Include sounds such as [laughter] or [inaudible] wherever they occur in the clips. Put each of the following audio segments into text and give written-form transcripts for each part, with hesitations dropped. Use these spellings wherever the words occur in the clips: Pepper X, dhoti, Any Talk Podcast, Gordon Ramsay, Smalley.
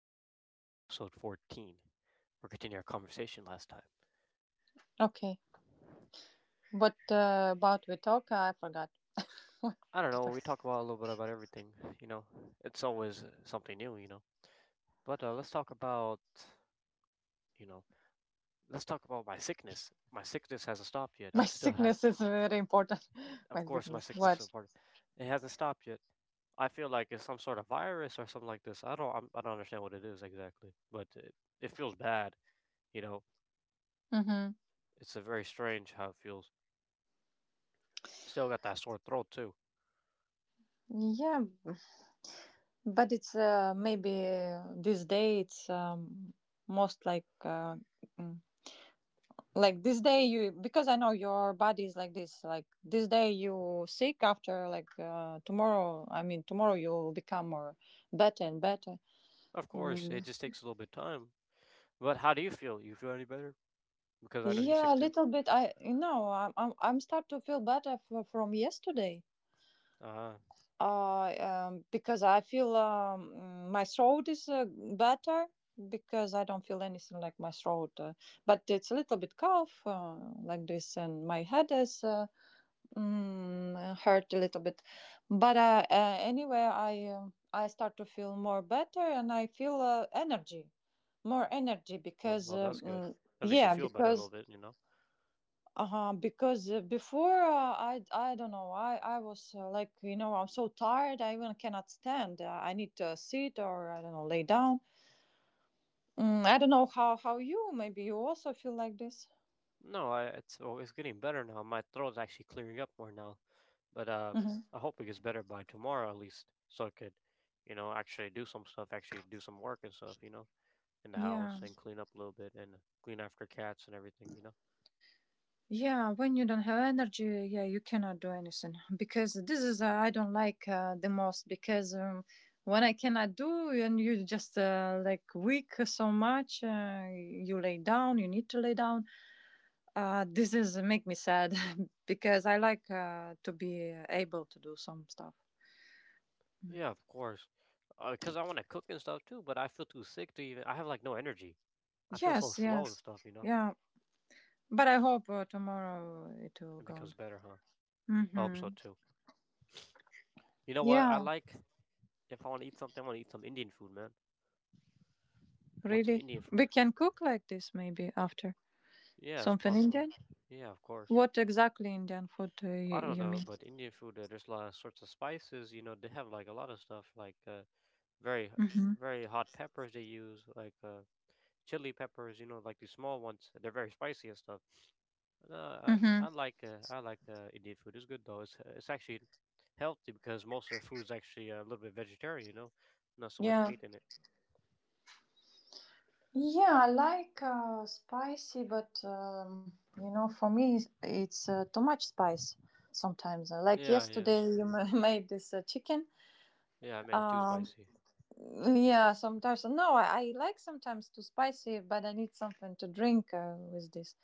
Podcast, episode 14. We're continuing our conversation last time. Okay. What about we talk? I forgot. I don't To know, we talk. talk about a little bit about everything, you know. It's always something new, you know. But let's talk about, you know, let's talk about my sickness. My sickness hasn't stopped [laughs] yet. My sickness is very important. [laughs] Of My course, my sickness. sickness What? is part. It hasn't stopped yet. I feel like it's some sort of virus or something like this. I don't understand what it is exactly, it feels bad, you know. Mm-hmm. It's a very strange how it feels. Still got that sore throat too. Yeah, but it's maybe this day it's most like mm, like this day you, because I know your body is like this. Like this day you sick, after like tomorrow. I mean tomorrow you'll become more better and better. Of course, Mm. it just takes a little bit of time. But how do you feel? You feel any better? Because I know you're sick Yeah, a too. little bit. I, you know, I'm start to feel better from yesterday. Uh Because I feel my throat is better, because I don't feel anything like my throat, but it's a little bit cough like this, and my head is hurt a little bit. But anyway, I start to feel more better, and I feel energy, more energy well, because well, that's good. At least you yeah. feel better a little Because bit, you know. uh-huh because before, I don't know, I was like, you know, I'm so tired I even cannot stand. I need to sit or I don't know, lay down. I don't know how, you maybe you also feel like this. No, I it's oh, it's getting better now. My throat's actually clearing up more now. But Hmm. I hope it gets better by tomorrow at least, so I could, you know, actually do some stuff, actually do some work and stuff, you know, in the yeah house and clean up a little bit and clean after cats and everything, you know. yeah when you don't have energy, yeah, you cannot do anything, because this is, I don't like, the most, because when I cannot do, and you just like weak so much, you lay down, you need to lay down. This is make me sad [laughs] because I like to be able to do some stuff. Yeah, of course. Because I want to cook and stuff too, but I feel too sick to even. I have like no energy. I feel so Yes, slow and yes, stuff, you know. yeah. But I hope tomorrow it will It becomes gone. better, huh? I hope so Mm-hmm. too. You know what? I Yeah, like If I want to eat something, I want to eat some Indian food, man. Want some really. Indian We food. can cook like this maybe after Yeah, it's something possible. Indian. Yeah, of course. What exactly Indian food I don't you know, mean? but Indian food, there's a lot of sorts of spices. You know, they have like a lot of stuff, very, Mm-hmm. very hot peppers they use, chili peppers. You know, like these small ones. They're very spicy and stuff. No, I, Mm-hmm. I like Indian food. It's good though. It's actually healthy because most of their food is actually a little bit vegetarian. You know, not so much Yeah. meat in it. Yeah, I like spicy, but you know, for me, it's too much spice sometimes. Like Yeah, yeah. yesterday, you [laughs] made this chicken. Yeah, I made it too Um, spicy. yeah, sometimes. No, I like sometimes too spicy, but I need something to drink with this,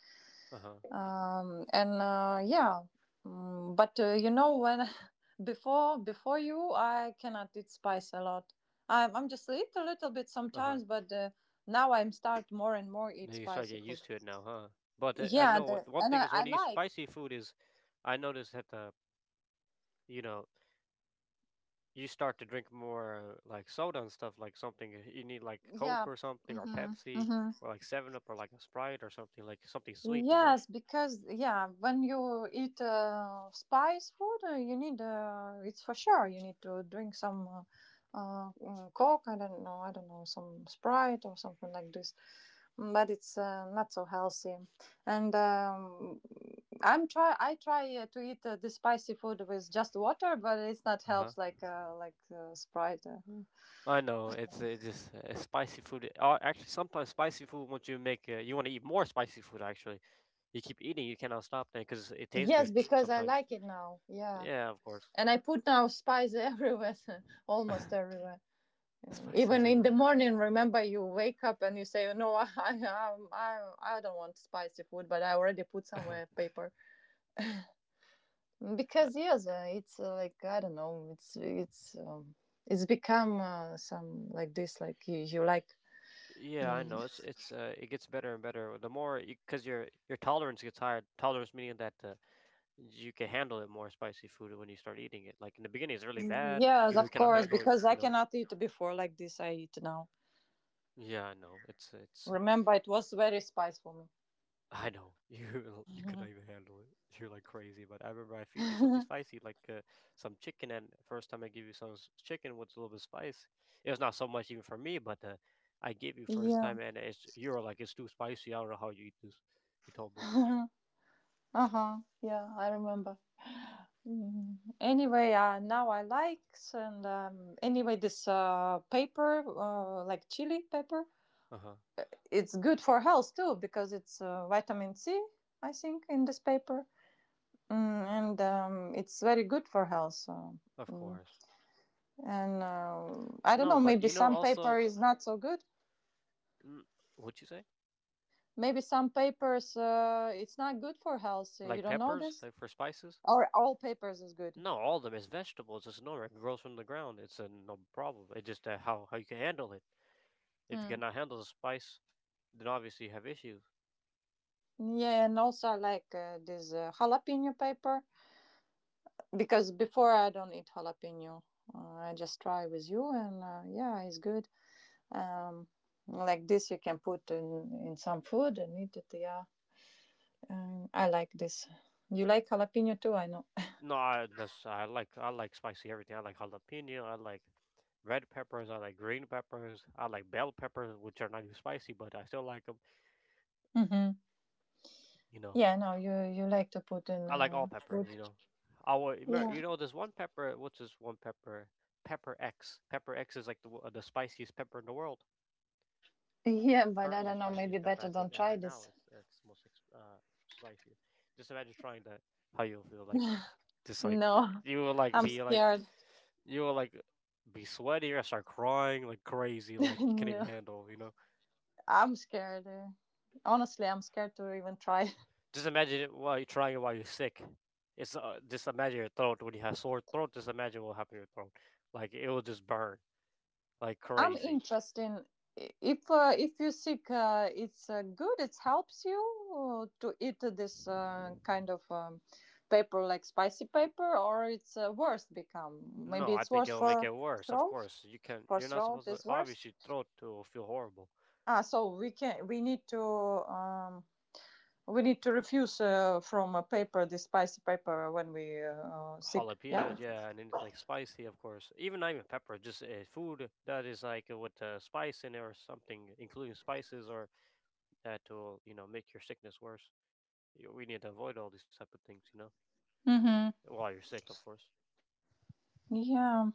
Uh-huh. And yeah. But you know, when [laughs] before you, I cannot eat spice a lot. I'm just eat a little bit Uh-huh. sometimes, but now I'm start more and more eat You start spicy getting food. used to it now, huh? But I Yeah, know the, one and thing is I when you eat like. spicy food is I notice that the you know, you start to drink more like soda and stuff like something you need like Coke Yeah. or something or Mm-hmm, Pepsi mm-hmm. or like 7 Up or like a Sprite or something like something sweet, you know? Yes, because yeah, when you eat spice food, you need, it's for sure you need to drink some, Coke. I don't know, some Sprite or something like this. Mm. But it's not so healthy. And I try to eat the spicy food with just water, but it's not Uh-huh. helps like Sprite. Hmm. I know it's it just spicy food. Actually sometimes spicy food once you make you want to eat more spicy food actually. You keep eating, you cannot stop that because it tastes Yes, good because I sometimes. like it now. Yeah, Yeah, of course. and I put now spice [laughs] everywhere, almost [laughs] everywhere. Spice Even in the everywhere. morning, remember you wake up and you say, "No, [laughs] I don't want spicy food," but I already put somewhere [laughs] paper, Uh, because yes, it's like I don't know, it's become some like this, like you like. yeah, I Mm. know. It's it gets better and better. The more because your tolerance gets higher. Tolerance meaning that you can handle it more spicy food when you start eating it. Like in the beginning, it's really bad. You Yes, know, you of cannot course, handle it. because I You know. cannot eat before like this. I eat now. Yeah, I know. It's it's Remember, it was very spicy for I know [laughs] you me. cannot even handle it. [laughs] You're like crazy. But I remember I feed you something [laughs] spicy, some chicken. And first time I give you some chicken with a little bit of spice, it was not so much even for me. But I gave you first Yeah. time, and it's you were like it's too spicy. I don't know how you eat this. You told me. [laughs] uh huh. Yeah, I remember. Mm. Anyway, now I like. And anyway, this paper, like chili pepper, Uh huh. it's good for health too, because it's vitamin C, I think, in this paper, mm, and it's very good for health. So, Of mm. course. And I don't No, know, but maybe you know some paper also, is not so good. mm, what you say? Maybe some papers, it's not good for health, so you Like don't know peppers, this, like for spices? or all papers is good. No, all of them is vegetables. It's normal. It grows from the ground. It's a no problem. It's just how you can handle it. If you Mm. cannot handle the spice, then obviously you have issues. Yeah, and also I like this jalapeno paper, because before I don't eat jalapeno. I just try with you, and yeah, it's good. Um, like this, you can put in some food and eat it. Yeah, I like this. You like jalapeno too, I know. No, I that's I like spicy everything. I like jalapeno. I like red peppers. I like green peppers. I like bell peppers, which are not even spicy, but I still like them. Hmm. You know, Yeah, no, you like to put in. I like all peppers. You know, I will, you Yeah, know there's one pepper. What's this one pepper? Pepper X. Pepper X is like the spiciest pepper in the world. [laughs] yeah, but I Currently don't know. Maybe spiciest pepper I better think don't as try of now this. is that's most spicy. Just imagine trying that. How you'll feel like, just like No, you will like I'm be like scared. you will like be sweaty or start crying like crazy [laughs] like you can't even No, handle. You know, I'm scared. Honestly, I'm scared to even try. just imagine it while you're trying it while you're sick. It's Just imagine your throat when you have sore throat. Just imagine what will happen to your throat. Like it will just burn like I'm crazy. interested. If you sick, it's good, it helps you to eat this kind of paper, like spicy paper, or it's worse become. Maybe No, I it's think worse it'll make for it worse. Of throat. course, you can. For You're not throat supposed to. is worst. Obviously, throat will feel horrible. Ah, so we can, we need to, um, we need to refuse from a paper, the spicy paper, when we sick. Yeah. Jalapenos, yeah, and then it's like spicy, of course. Even not even pepper, just food that is like with spice in it or something, including spices, or that will you know make your sickness worse. We need to avoid all these type of things, you know, Mm-hmm. while you're sick, of course. Yeah.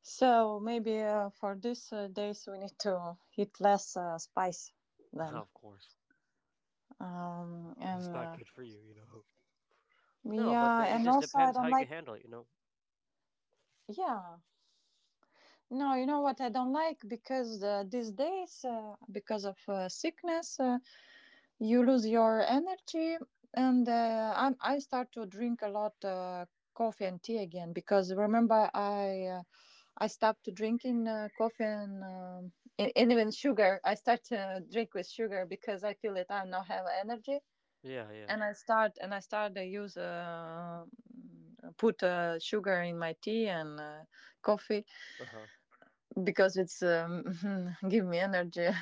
So maybe for these days we need to eat less spice [laughs] then. Of course, 'cause And it's not good for you, you know. No, but Yeah, It and just also I depends how don't you can like. handle it, you know. Yeah, no, you know what I don't like, because these days, because of sickness, you lose your energy, and I start to drink a lot coffee and tea again, because remember I stopped drinking coffee, and even sugar I start to drink with sugar, because I feel that I now have energy, Yeah, yeah. And I start to use, put sugar in my tea and coffee, Uh huh. because it's [laughs] give me energy. [laughs]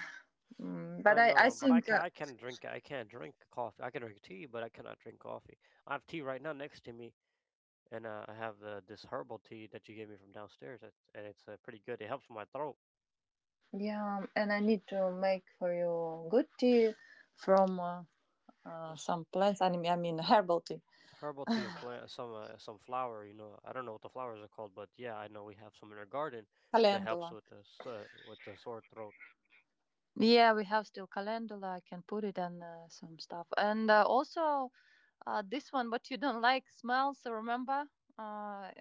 Mm, but I i i know, but I think can I can drink I can't drink coffee. I can drink tea, but I cannot drink coffee. I have tea right now next to me, and I have this herbal tea that you gave me from downstairs, and it's pretty good. It helps my throat. yeah. And I need to make for you good tea from S- some plants. I mean herbal tea, Herbal tea and plant some flower, you know. I don't know what the flowers are called, but yeah, I know we have some in our garden that helps calendula. with with the sore throat. It- Yeah, we have still calendula. I can put it and some stuff. And also this one, what you don't like smells. Remember uh,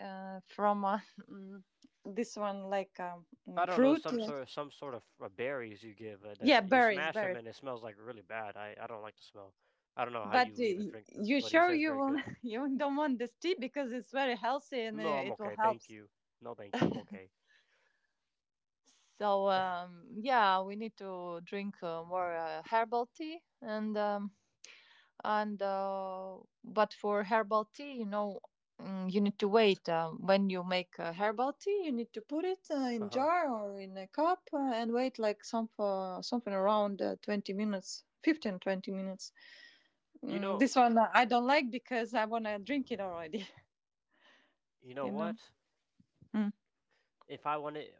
uh, from [laughs] this one, like I don't know fruit. some Yeah. sort of some sort of berries you give that Yeah, you smash them berries. and it smells like really bad. I don't like the smell. I don't know how But you even drink this, you but he sure, says you very will, good. [laughs] you don't want this tea, because it's very healthy and No, I'm it will okay, help. thank you. No, thank [laughs] you, I'm okay. So yeah, we need to drink more herbal tea, and but for herbal tea, you know, you need to wait. When you make herbal tea, you need to put it Uh in huh. jar or in a cup and wait like some something around 20 minutes. 15, 20 minutes You know, this one I don't like because I want to drink it already. you [laughs] know You know. what? Mm. If I wanted,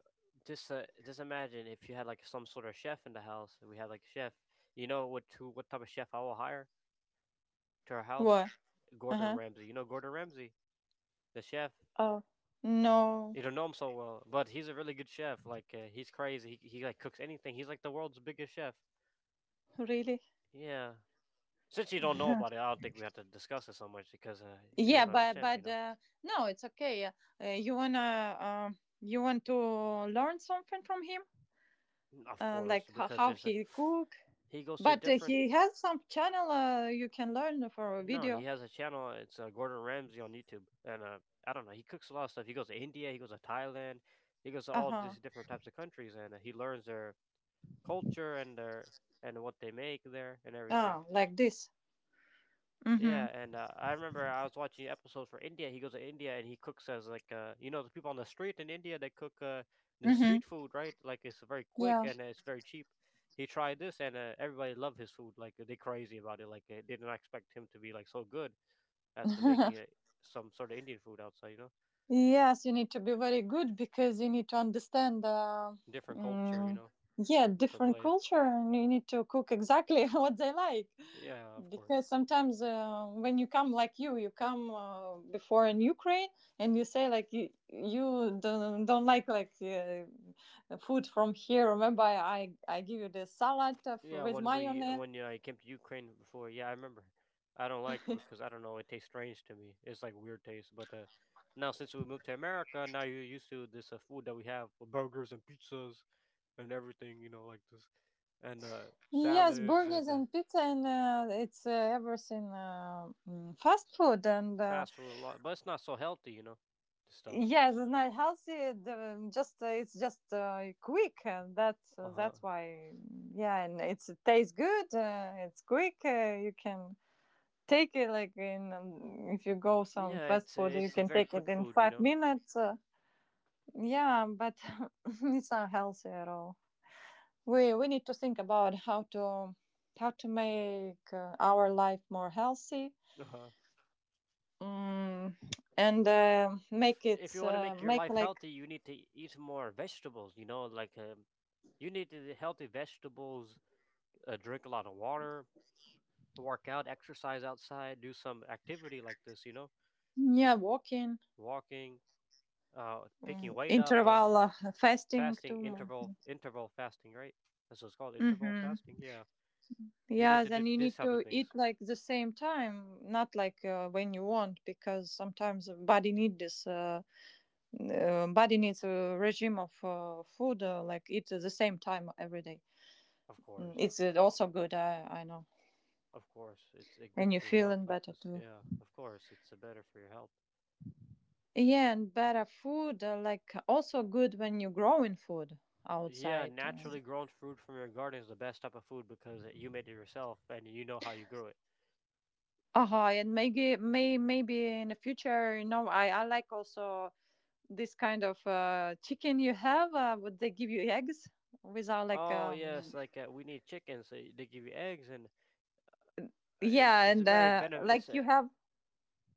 just imagine if you had like some sort of chef in the house. We had like a chef. You know what? Who, what type of chef I will hire to our house? What? Gordon Uh-huh. Ramsay. You know Gordon Ramsay, the chef. Oh. No. You don't know him so well, but he's a really good chef. He's crazy. He like cooks anything. He's like the world's biggest chef. Really? Yeah. Since you don't know about [laughs] it, I don't think we have to discuss it so much because you Yeah, won't but understand. You but know, uh, no, it's okay. You wanna, you want to learn something from him? of course, Like because how there's a he cook? he goes to But different he has some channel, you can learn for a No, he video. has a channel. It's Gordon Ramsay on YouTube, and I don't know. He cooks a lot of stuff. He goes to India. He goes to Thailand. He goes to all Uh-huh. these different types of countries, and he learns their culture and their and what they make there and everything. Ah, like this. Yeah, Mm-hmm, and I remember I was watching episodes for India. He goes to India and he cooks as you know the people on the street in India they cook the mm-hmm. street food right like it's very quick Yeah. and it's very cheap. He tried this and everybody loved his food like they crazy about it like they did not expect him to be like so good after making [laughs] it some sort of Indian food outside, you know, Yes, you need to be very good, because you need to understand, different culture, you mm, know, yeah, different different place. culture, and you need to cook exactly [laughs] what they like. Yeah, of course. Because sometimes when you come, like you come before in Ukraine, and you say like you, you don't like food from here. Remember, I give you the salad of, Yeah, with when we mayonnaise. when yeah, I came to Ukraine before, yeah, I remember. I don't like it because [laughs] I don't know, it tastes strange to me. It's like weird taste, but now since we moved to America, now you're used to this food that we have, with burgers and pizzas and everything, you know, like this, and Yes, salads burgers and and pizza, and it's everything fast food and. Fast food a lot, but it's not so healthy, you know, this stuff. Yes, it's not healthy. The, just it's just quick, and Uh huh. that's why. Yeah, and it's, it tastes good. It's quick. You can take it like in, if you go some Yeah, fast food, you it's a can very take it quick in food, you five know. minutes. Yeah, but [laughs] it's not healthy at all. We need to think about how to, how to make our life more healthy. Uh huh. Mm, and Make it If you want to make your make life like, healthy, you need to eat more vegetables. You know, like you need to eat healthy vegetables, drink a lot of water, work out, exercise outside, do some activity like this. You know, yeah, walking. walking, picking weight up, Interval fasting fasting, too. Interval fasting, right? That's what it's called, interval Mm-hmm. fasting. Yeah, you need Yeah, to do then you this need type of to eat things. like the same time, not like when you want, because sometimes the body need this. Body needs a regime of food, like eat at the same time every day. Of Mm. course, It's also good, I know, of course, it's and good you're for your health feeling like better this. too. Yeah, of course, it's better for your health. Yeah, and better food, like also good when you grow in food Yeah, outside. Naturally grown fruit from your garden is the best type of food because you made it yourself and you know how you grew it. Uh-huh. And maybe, maybe in the future, you know, I like also this kind of chicken you have? Would they give you eggs without like Oh yes, um. We need chicken, so they give you eggs, and Yeah, it's a and very uh, benefit. like It's a you have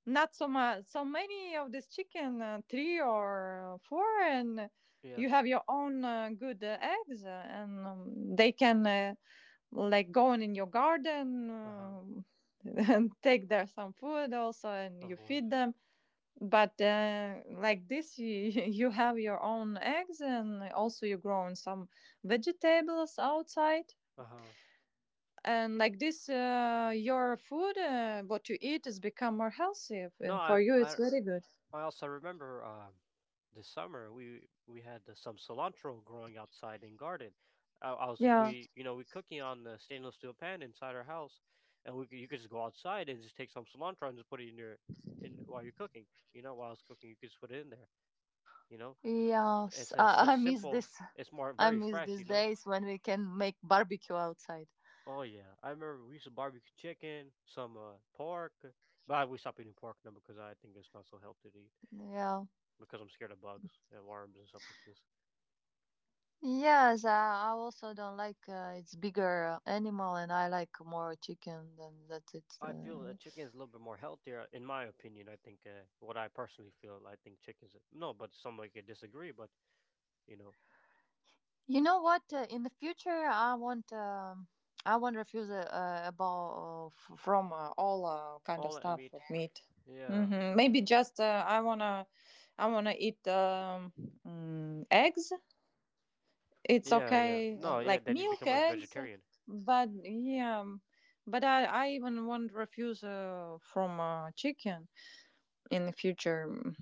not so much, so many of this chicken, three or four, and you yes, have your own good eggs, and they can like go in your garden, uh huh, [laughs] and take there some food also, and of you course, feed them. But like this, you, [laughs] you have your own eggs, and also you're growing some vegetables outside. uh huh. And like this, your food, what you eat, has become more healthy, No, and I for you, it's I very good. I also remember this summer we had some cilantro growing outside in garden. I was Yeah. we you know we cooking on the stainless steel pan inside our house, and you could just go outside and just take some cilantro and just put it in your in while you're cooking. You know, while I was cooking, you could just put it in there. You know, Yes, it's [laughs] a, such I miss simple. this. It's more I very miss fresh. these You know. days when we can make barbecue outside. Oh yeah, I remember we used to barbecue chicken, some pork, but we stopped eating pork now because I think it's not so healthy to eat Yeah. because I'm scared of bugs and worms and stuff like this. Yes, I also don't like it's bigger animal, and I like more chicken. Than that's it. I feel that chicken is a little bit more healthier, in my opinion. I think what I personally feel, I think chickens. No, but somebody could disagree. But you know, You know what? In the future, I want to refuse a ball from all kind of all that stuff meat. of meat. Yeah, Maybe just I wanna eat eggs. It's yeah, yeah. okay, No, yeah. like Then you milk become like eggs, vegetarian. but yeah, but I even want refuse from chicken in the future. Mm.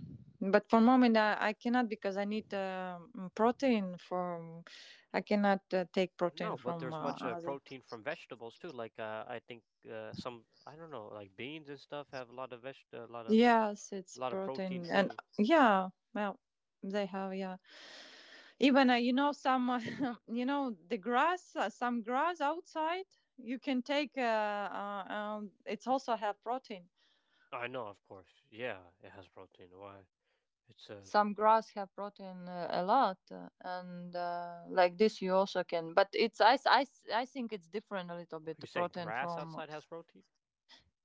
But for moment, I cannot because I need protein from. I cannot take protein No, but from there's much other. protein from vegetables too. I think some I don't know, like beans and stuff have a lot of veg, a Yes, it's lot of protein protein, and too. yeah, well, they have, yeah. Even some, [laughs] the grass, some grass outside. You can take. It's also have protein. I know, of course. Yeah, it has protein. Why? It's Some grass have protein a lot and like this you also can but it's I think it's different a little bit you the said protein grass from. outside has protein,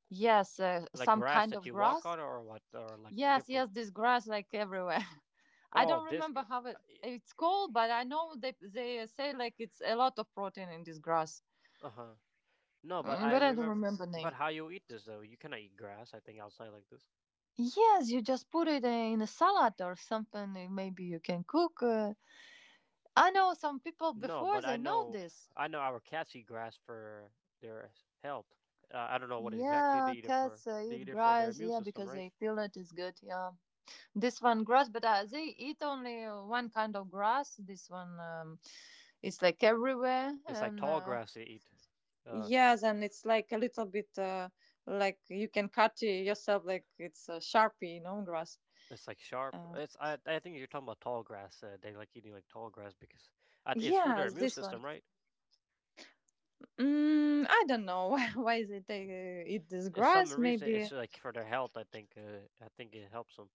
Yes, like some grass kind that of you walk grass. on, or what, or like Yes, different yes, this grass like everywhere. [laughs] I Oh, don't this remember girl. how Uh, it's called, but I know they say like it's a lot of protein in this grass. huh. No, but Mm, I but I don't remember. remember But name. how you eat this though? You cannot eat grass. I think outside like this. Yes, you just put it in a salad or something, maybe you can cook, I know some people No, before but I they know know. this. I know our cats eat grass for their health. I don't know what exactly they Yeah, eat it for. cats They eat eat it for their grass, immune yeah, system, because right? they feel it is good, yeah. This one grass, but they eat only one kind of grass. This one, it's like everywhere, It's like and tall grass they eat. Uh, yeah, then it's like a little bit, like you can cut it yourself, like it's a sharpie, grass. it's like sharp. Uh, It's I. I think you're talking about tall grass. They like eating like tall grass because it's for their yes, immune this one. system, right? Mm, I don't know [laughs] why they take, eat this It's some grass. reason it's Maybe. like for their health. I think it helps them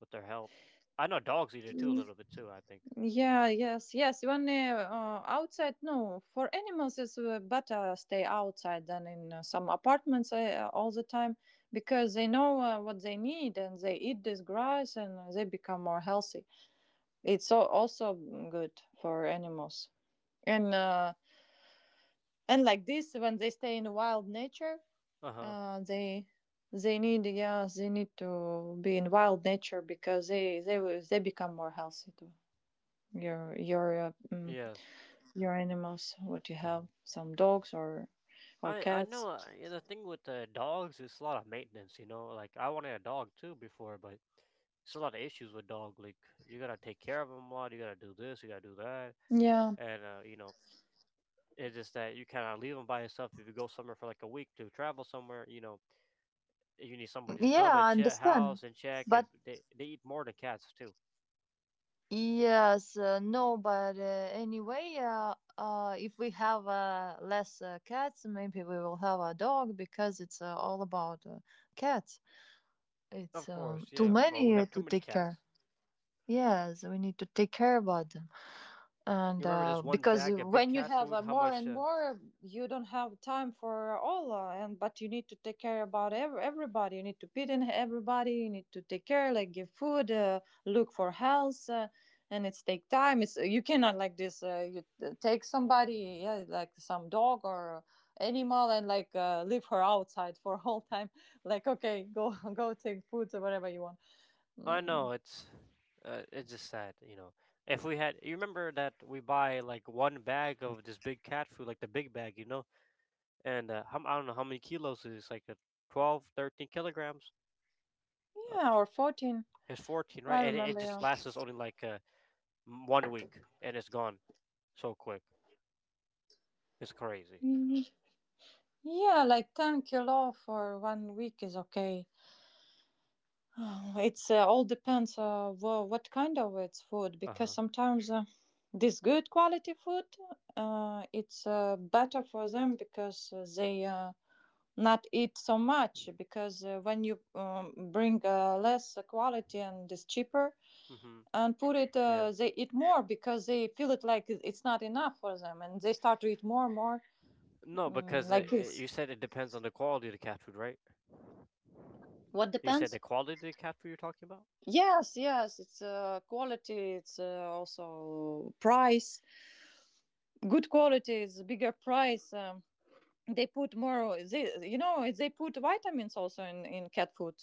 with their health. I know dogs eat it too a little bit too. I think. Yeah, yes, yes. When outside, no, for animals it's better stay outside than in some apartments all the time because they know what they need, and they eat this grass and they become more healthy. It's so, also good for animals. And uh, and like this, when they stay in wild nature, Uh huh. uh, they they need, yeah, they need to be in wild nature because they become more healthy too. Your your uh, mm, Yes. your animals? What you Uh huh. have? Some dogs, or I cats? know. Uh, yeah, the thing with dogs, is a lot of maintenance. You know, like I wanted a dog too before, but it's a lot of issues with dog. Like you gotta take care of them a lot. You gotta do this. You gotta do that. Yeah. And it's just that you cannot leave them by yourself. If you go somewhere for like a week to travel somewhere, you know, you need somebody to Yeah, come and I check understand. house and check. If But they eat more than cats too. yes, no, but anyway, if we have less cats, maybe we will have a dog because it's all about cats. It's Of course, too yeah. Well, we many have too to many take care. cats. Yes, we need to take care about them. And You remember this one Because bag of big when you cat have food? How more much? and more, you don't have time for all, and but you need to take care about everybody. You need to feed in everybody. You need to take care, like give food, look for health, and it's take time. It's you cannot like this. You take somebody, yeah, like some dog or animal, and like leave her outside for [laughs] a whole time. [laughs] Like okay, go [laughs] go take food or whatever you want. I Mm, know it's just sad, you know. If we had, you remember that we buy like one bag of this big cat food, like the big bag, you know, and how, I don't know how many kilos it is, like 12, 13 kilograms. Uh, yeah, or 14. it's 14, right? I And it remember, just yeah. lasts us only like 1 week, and it's gone so quick. It's crazy. Mm, Yeah, like 10 kilo for one week is okay. [sighs] Oh, it's all depends, what kind of it's food Uh because huh. sometimes this good quality food, it's better for them because they not eat so much because when you bring less quality and it's cheaper Mhm. and put it, Yeah. They eat more because they feel it like it's not enough for them, and they start to eat more and more. No, because Like this. you said it depends on the quality of the cat food, right? What You said depends? the quality of the cat food you're talking about? Yes, yes, it's quality, it's also price. Good quality is bigger price. They put more, they put vitamins also in cat food.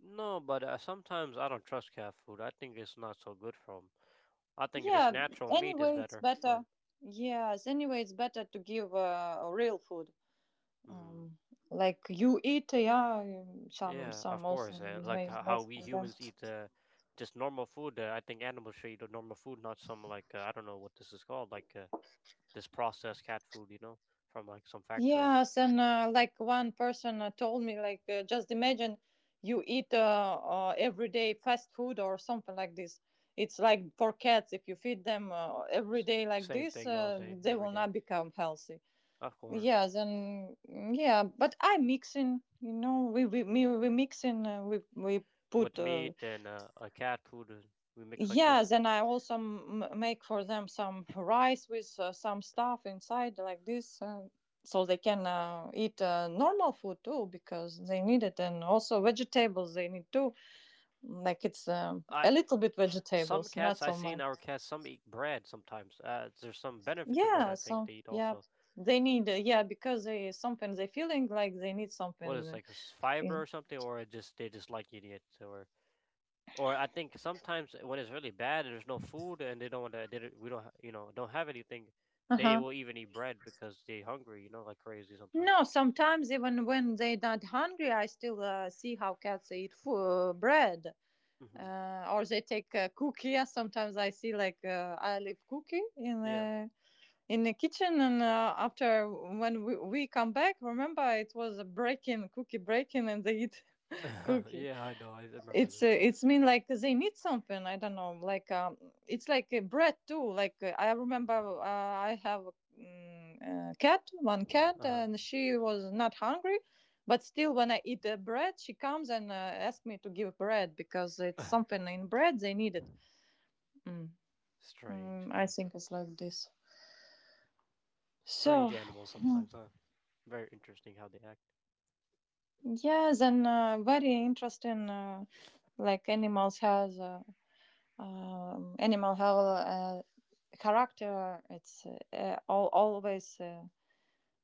No, but sometimes I don't trust cat food. I think it's not so good for 'em. I think this Yeah, natural meat is anyway, it's better for better. 'em. Yes, anyway, it's better to give real food. Mhm. Um, like you eat, yeah, some Yeah, some of also course. You Like may how make we for them. humans eat just normal food. I think animals should eat a normal food, not some like I don't know what this is called, this processed cat food, you know, from like some factory. Yes, and like one person told me, like, just imagine you eat every day fast food or something like this. It's like for cats, if you feed them every S- day like same this, thing all day, they every will day. not become healthy. Of course, Yes, and yeah, but I mixing, you know, we mixing, we with put meat and a cat food, we mix like yeah, this. then I also make for them some rice with some stuff inside, like this, so they can eat normal food too because they need it, and also vegetables they need too. Like it's a I little bit some vegetables, cats not I so see in much. our cats, some eat bread sometimes. There's some benefit to bread. Yeah, I think so they eat yeah, also. they need, yeah, because they sometimes they feeling like they need What is something. like fiber or something, or it just they just like eating it, or I think sometimes when it's really bad and there's no food and they don't want to, they don't, we don't ha- you know don't have anything, Uh they huh. will even eat bread because they hungry, you know, like crazy sometimes. No, sometimes even when they not hungry, I still see how cats eat food, bread. Hmm. Or they take a cookie. [laughs] Sometimes I see like, I leave cookie in Yeah, uh, in the kitchen, and after when we come back, remember it was a break-in, cookie break-in, and they eat [laughs] [laughs] cookie. yeah, I know. I remember It's uh, this. it's mean like they need something. I don't know. Like, it's like, bread too. Like, I remember, I have, a cat, one cat, Uh huh. and she was not hungry, but still when I eat bread, she comes and asks me to give bread because it's something in bread they need it. Mm. Strange, Mm, I huh? think it's like this. So Strange animals sometimes, huh? Very interesting how they act. yes, and, very interesting. Like animals has animal have a character, it's all, always uh,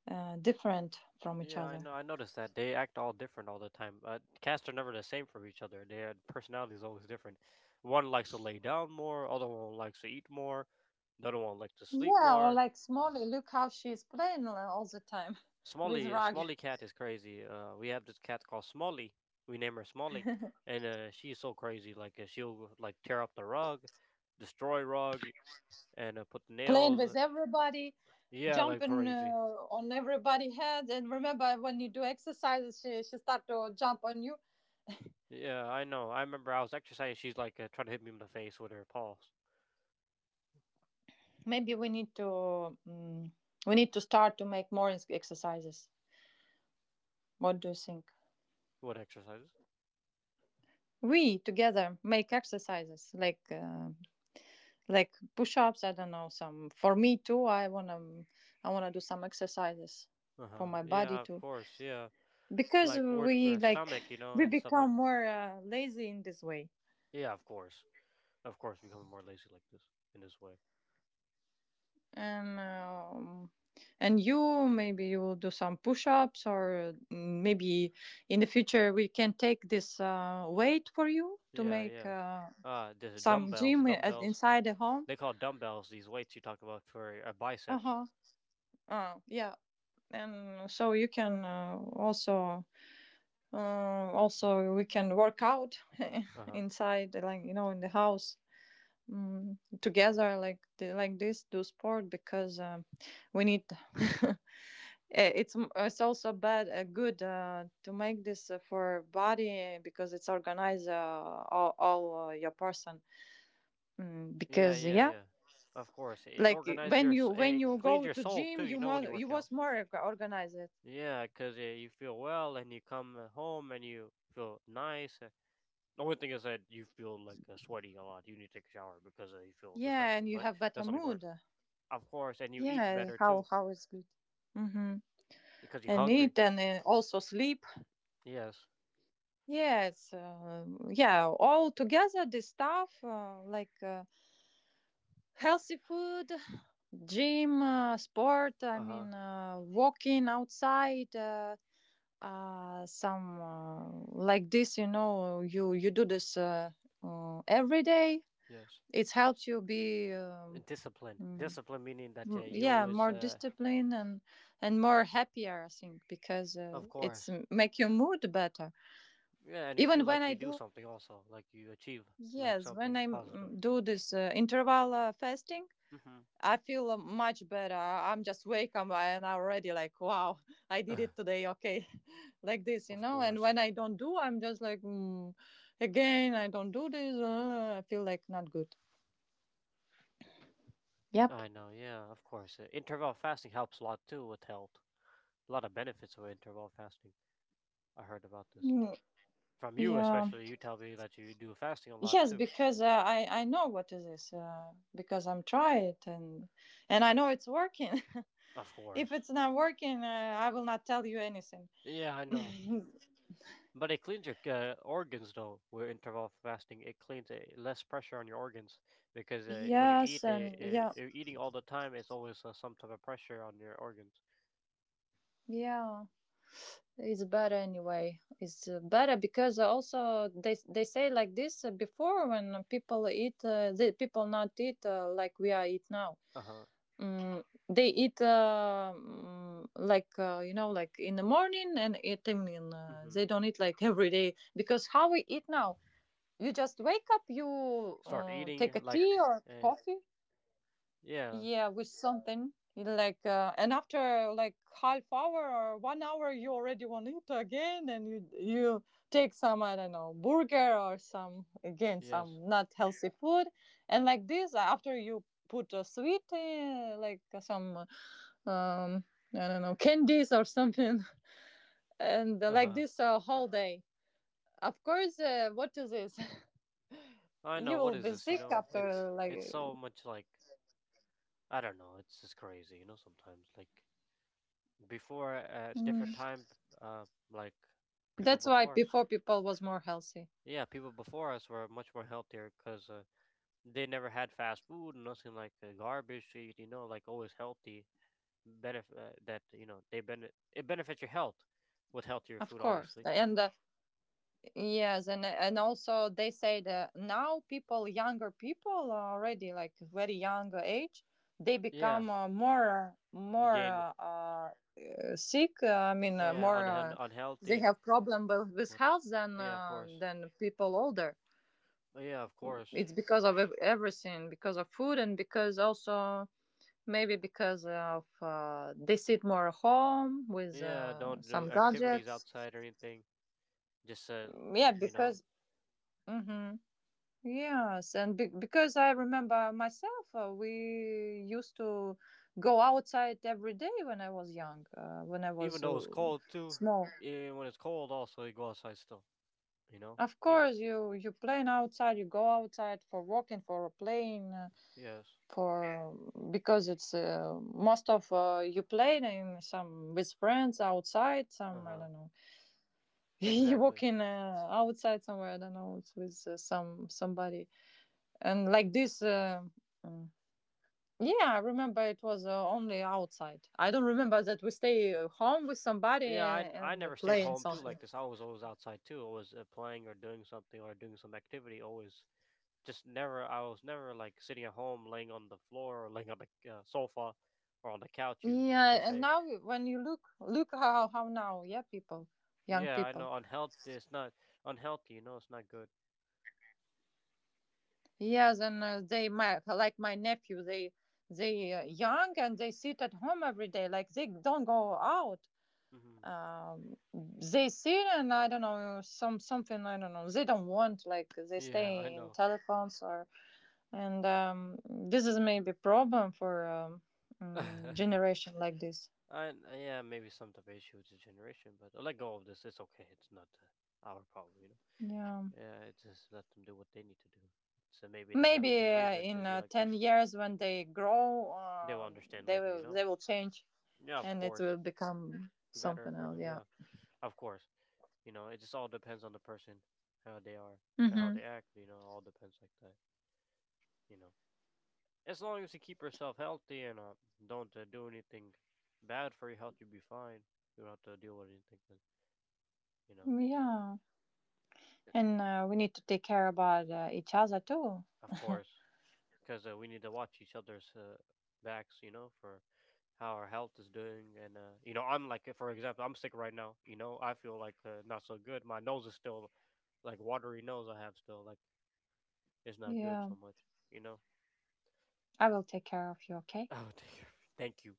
uh, different from each Yeah, I other. know. I noticed that they act all different all the time. Cats are never the same from each other. Their personality is always different. One likes to lay down more. Other one likes to eat more. The other one likes to sleep Yeah, or more. like Smolly, look how she's playing all the time [laughs] with Smalley, rug. Smalley cat is crazy. We have this cat called Smalley. We name her Smalley, and she's so crazy. Like she'll like tear up the rug, destroy rug, and put the Playing nails. with everybody, Yeah, like jumping crazy. On everybody's head, and remember when you do exercises she start to jump on you. Yeah, I know. I remember I was exercising. She's like trying to hit me in the face with her paws. Maybe we need to start to make more exercises. What do you think? What exercises? We together make exercises like, like push-ups, I don't know, some for me too. I want to do some exercises for Uh-huh. my body Yeah, of too course. Yeah. because Like we or like stomach, you [laughs] know, we and stuff like become more lazy in this way. yeah, of course. Of course becoming more lazy like this in this way. And um, and you maybe you will do some push-ups, or maybe in the future we can take this weight for you to Yeah, make yeah. There's some dumbbells, gym at, dumbbells. inside the home. They call dumbbells these weights you talk about for biceps. Uh-huh. Yeah, and so you can also. Also, we can work out [laughs] Uh-huh. inside, like, in the house, together, like the, like this, do sport because, we need. [laughs] It's also bad, good, to make this for body because it's organize, all your person. Mm, Yeah, because yeah, yeah, yeah. Of course. It like organize when your you when it you cleans go your to soul gym, too, you you know when you more, you work out. was more organized. Yeah, cuz you feel well and you come home and you feel nice. Eh, the only thing is that you feel like sweaty a lot. You need to take a shower because you feel Yeah, and disgusting. you But have better that's not the part. mood. Of course, and you eat Yeah, better how too how it's good. Mm-hmm. because you're And hungry. eat, and also sleep. Yes. Yes, yeah, all together this stuff, like, healthy food, gym, sport. I Uh huh. mean, walking outside. Some, like this, you know, you do this every day, Yes. it helps you be And Discipline. mm, Discipline meaning that you yeah, always, more disciplined, and more happier, I think because of it's course. make your mood better. Yeah, and you Even feel when like I you do do. something also, like you achieve like Yes, when something I positive. Do this interval fasting, Mm-hmm. I feel much better. I'm just wake up and I already like, wow, [laughs] I did it today. Okay, [laughs] like this, you Of know. And course. when I don't do, I'm just like, mm, again, I don't do this. I feel like not good. I know. Yeah. Of course. Interval fasting helps a lot too with health. A lot of benefits of interval fasting. I heard about this. Mm, From you, yeah. especially, you tell me that you do fasting a lot Yes, too. because I know what is this, because I'm try it, and I know it's working. Of [laughs] If course. it's not working, I will not tell you anything. Yeah, I know. [laughs] But it cleans your organs though. With interval fasting, it cleans it, less pressure on your organs because Yes, and yeah. you're eating all the time. It's always some type of pressure on your organs. Yeah, it's better anyway. It's better because also they say like this, before when people eat, the people not eat like we are eat now. Uh huh. Mm, they eat like, you know, like in the morning and at evening. They Mm-hmm. don't eat like [laughs] every day because how we eat now. You just wake up, you Start eating take a like, tea or uh, coffee. yeah, Yeah, with something like, and after like half hour or one hour, you already want it again, and you take some, I don't know, burger or some, again, yes. some not healthy food, and like this after you put a sweet, like, some, um I don't know, candies or something, [laughs] and Uh like huh. this, whole day. Of course, what is this? [laughs] I You know. What will is be this? You sick know, after, like, it's so much like I don't know. It's just crazy. You know, sometimes like before at different time like people that's why before us before people was more healthy. yeah people before us were much more healthier because they never had fast food nothing like garbage to eat you know like always healthy benefit that you know they benefit it benefits your health with healthier Of food course. obviously. And Yes, and also they say that now people, younger people, are already like very young age, they Yeah become more you more gain sick. I mean, yeah more, they unhealthy. have problem with What? health Yeah of course. than people older. Yeah of course. It's because of everything, because of food, and because also maybe because of they sit more at home with Yeah don't do some activities gadgets. outside or anything just Yeah, you know because. Mhm. Yes, and because I remember myself, we used to go outside every day when I was young, when I was even though it's cold too, small. even when it's cold, also you go outside still. You know. Of Even, course, you playing outside, you go outside for walking, for playing, yes. for because it's most of, you playing in some with friends outside, some Uh I huh. don't know, [laughs] you Exactly. walking outside somewhere, I don't know, it's with some somebody, and like this. Yeah, I remember it was only outside. I don't remember that we stay home with somebody Yeah, I and never stayed playing home too something. like this. I was always outside too. Always playing or doing something or doing some activity. Always just never. I was never like sitting at home, laying on the floor or laying on the sofa or on the couch. You they Yeah, and say. now when you look how now, yeah, people, young Yeah, I people. know. Unhealthy. It's not unhealthy. You know, it's not good. Yeah, then they, my like my nephew, they young and they sit at home every day like they don't go out. Hmm. They sit and I don't know some something, I don't know, they don't want, like they Yeah, I stay in know. telephones or. And, this is maybe problem for, [laughs] generation like this. I yeah, maybe some type of issue with the generation, but let go of this. It's okay. It's not our problem, you know. Yeah, Yeah, it's just let them do what they need to do. So maybe they have maybe the reason to in, be like 10 this. years, when they grow, They will understand they later, you will know. they will change. Yeah, of And it course, will become better something for else, them. yeah. Yeah, of course. You know, it just all depends on the person, how they are and how Hmm. they act. You know, all depends like that. You know, as long as you keep yourself healthy and don't do anything bad for your health, you'll be fine. You don't have to deal with anything. But, you know, Yeah, and, we need to take care about each other too. of course because we need to watch each other's backs, you know, for how our health is doing. And you know, I'm like, for example, I'm sick right now. You know, I feel like not so good. My nose is still like watery nose. I have still like it's not good Yeah, so much. You know. I will take care of you, okay. [laughs] Oh, thank you. [laughs] Thank you.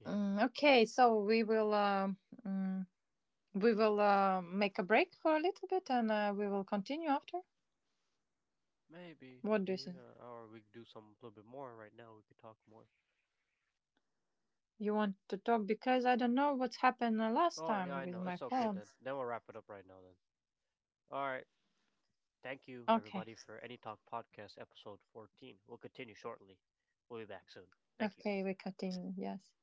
You know, Mm, okay, so mm, we will make a break for a little bit and, we will continue after. maybe What do you think? yeah, or we could do some a little bit more right now. We could talk more. You want to talk? Because I don't know what's happened the last Oh yeah, time I with know. my It's okay phone. then. Then we'll wrap it up right now then. All right. Thank you Okay, everybody for Any Talk Podcast episode 14. We'll continue shortly. We'll be back soon. Thank you. okay, we're cutting. Yes.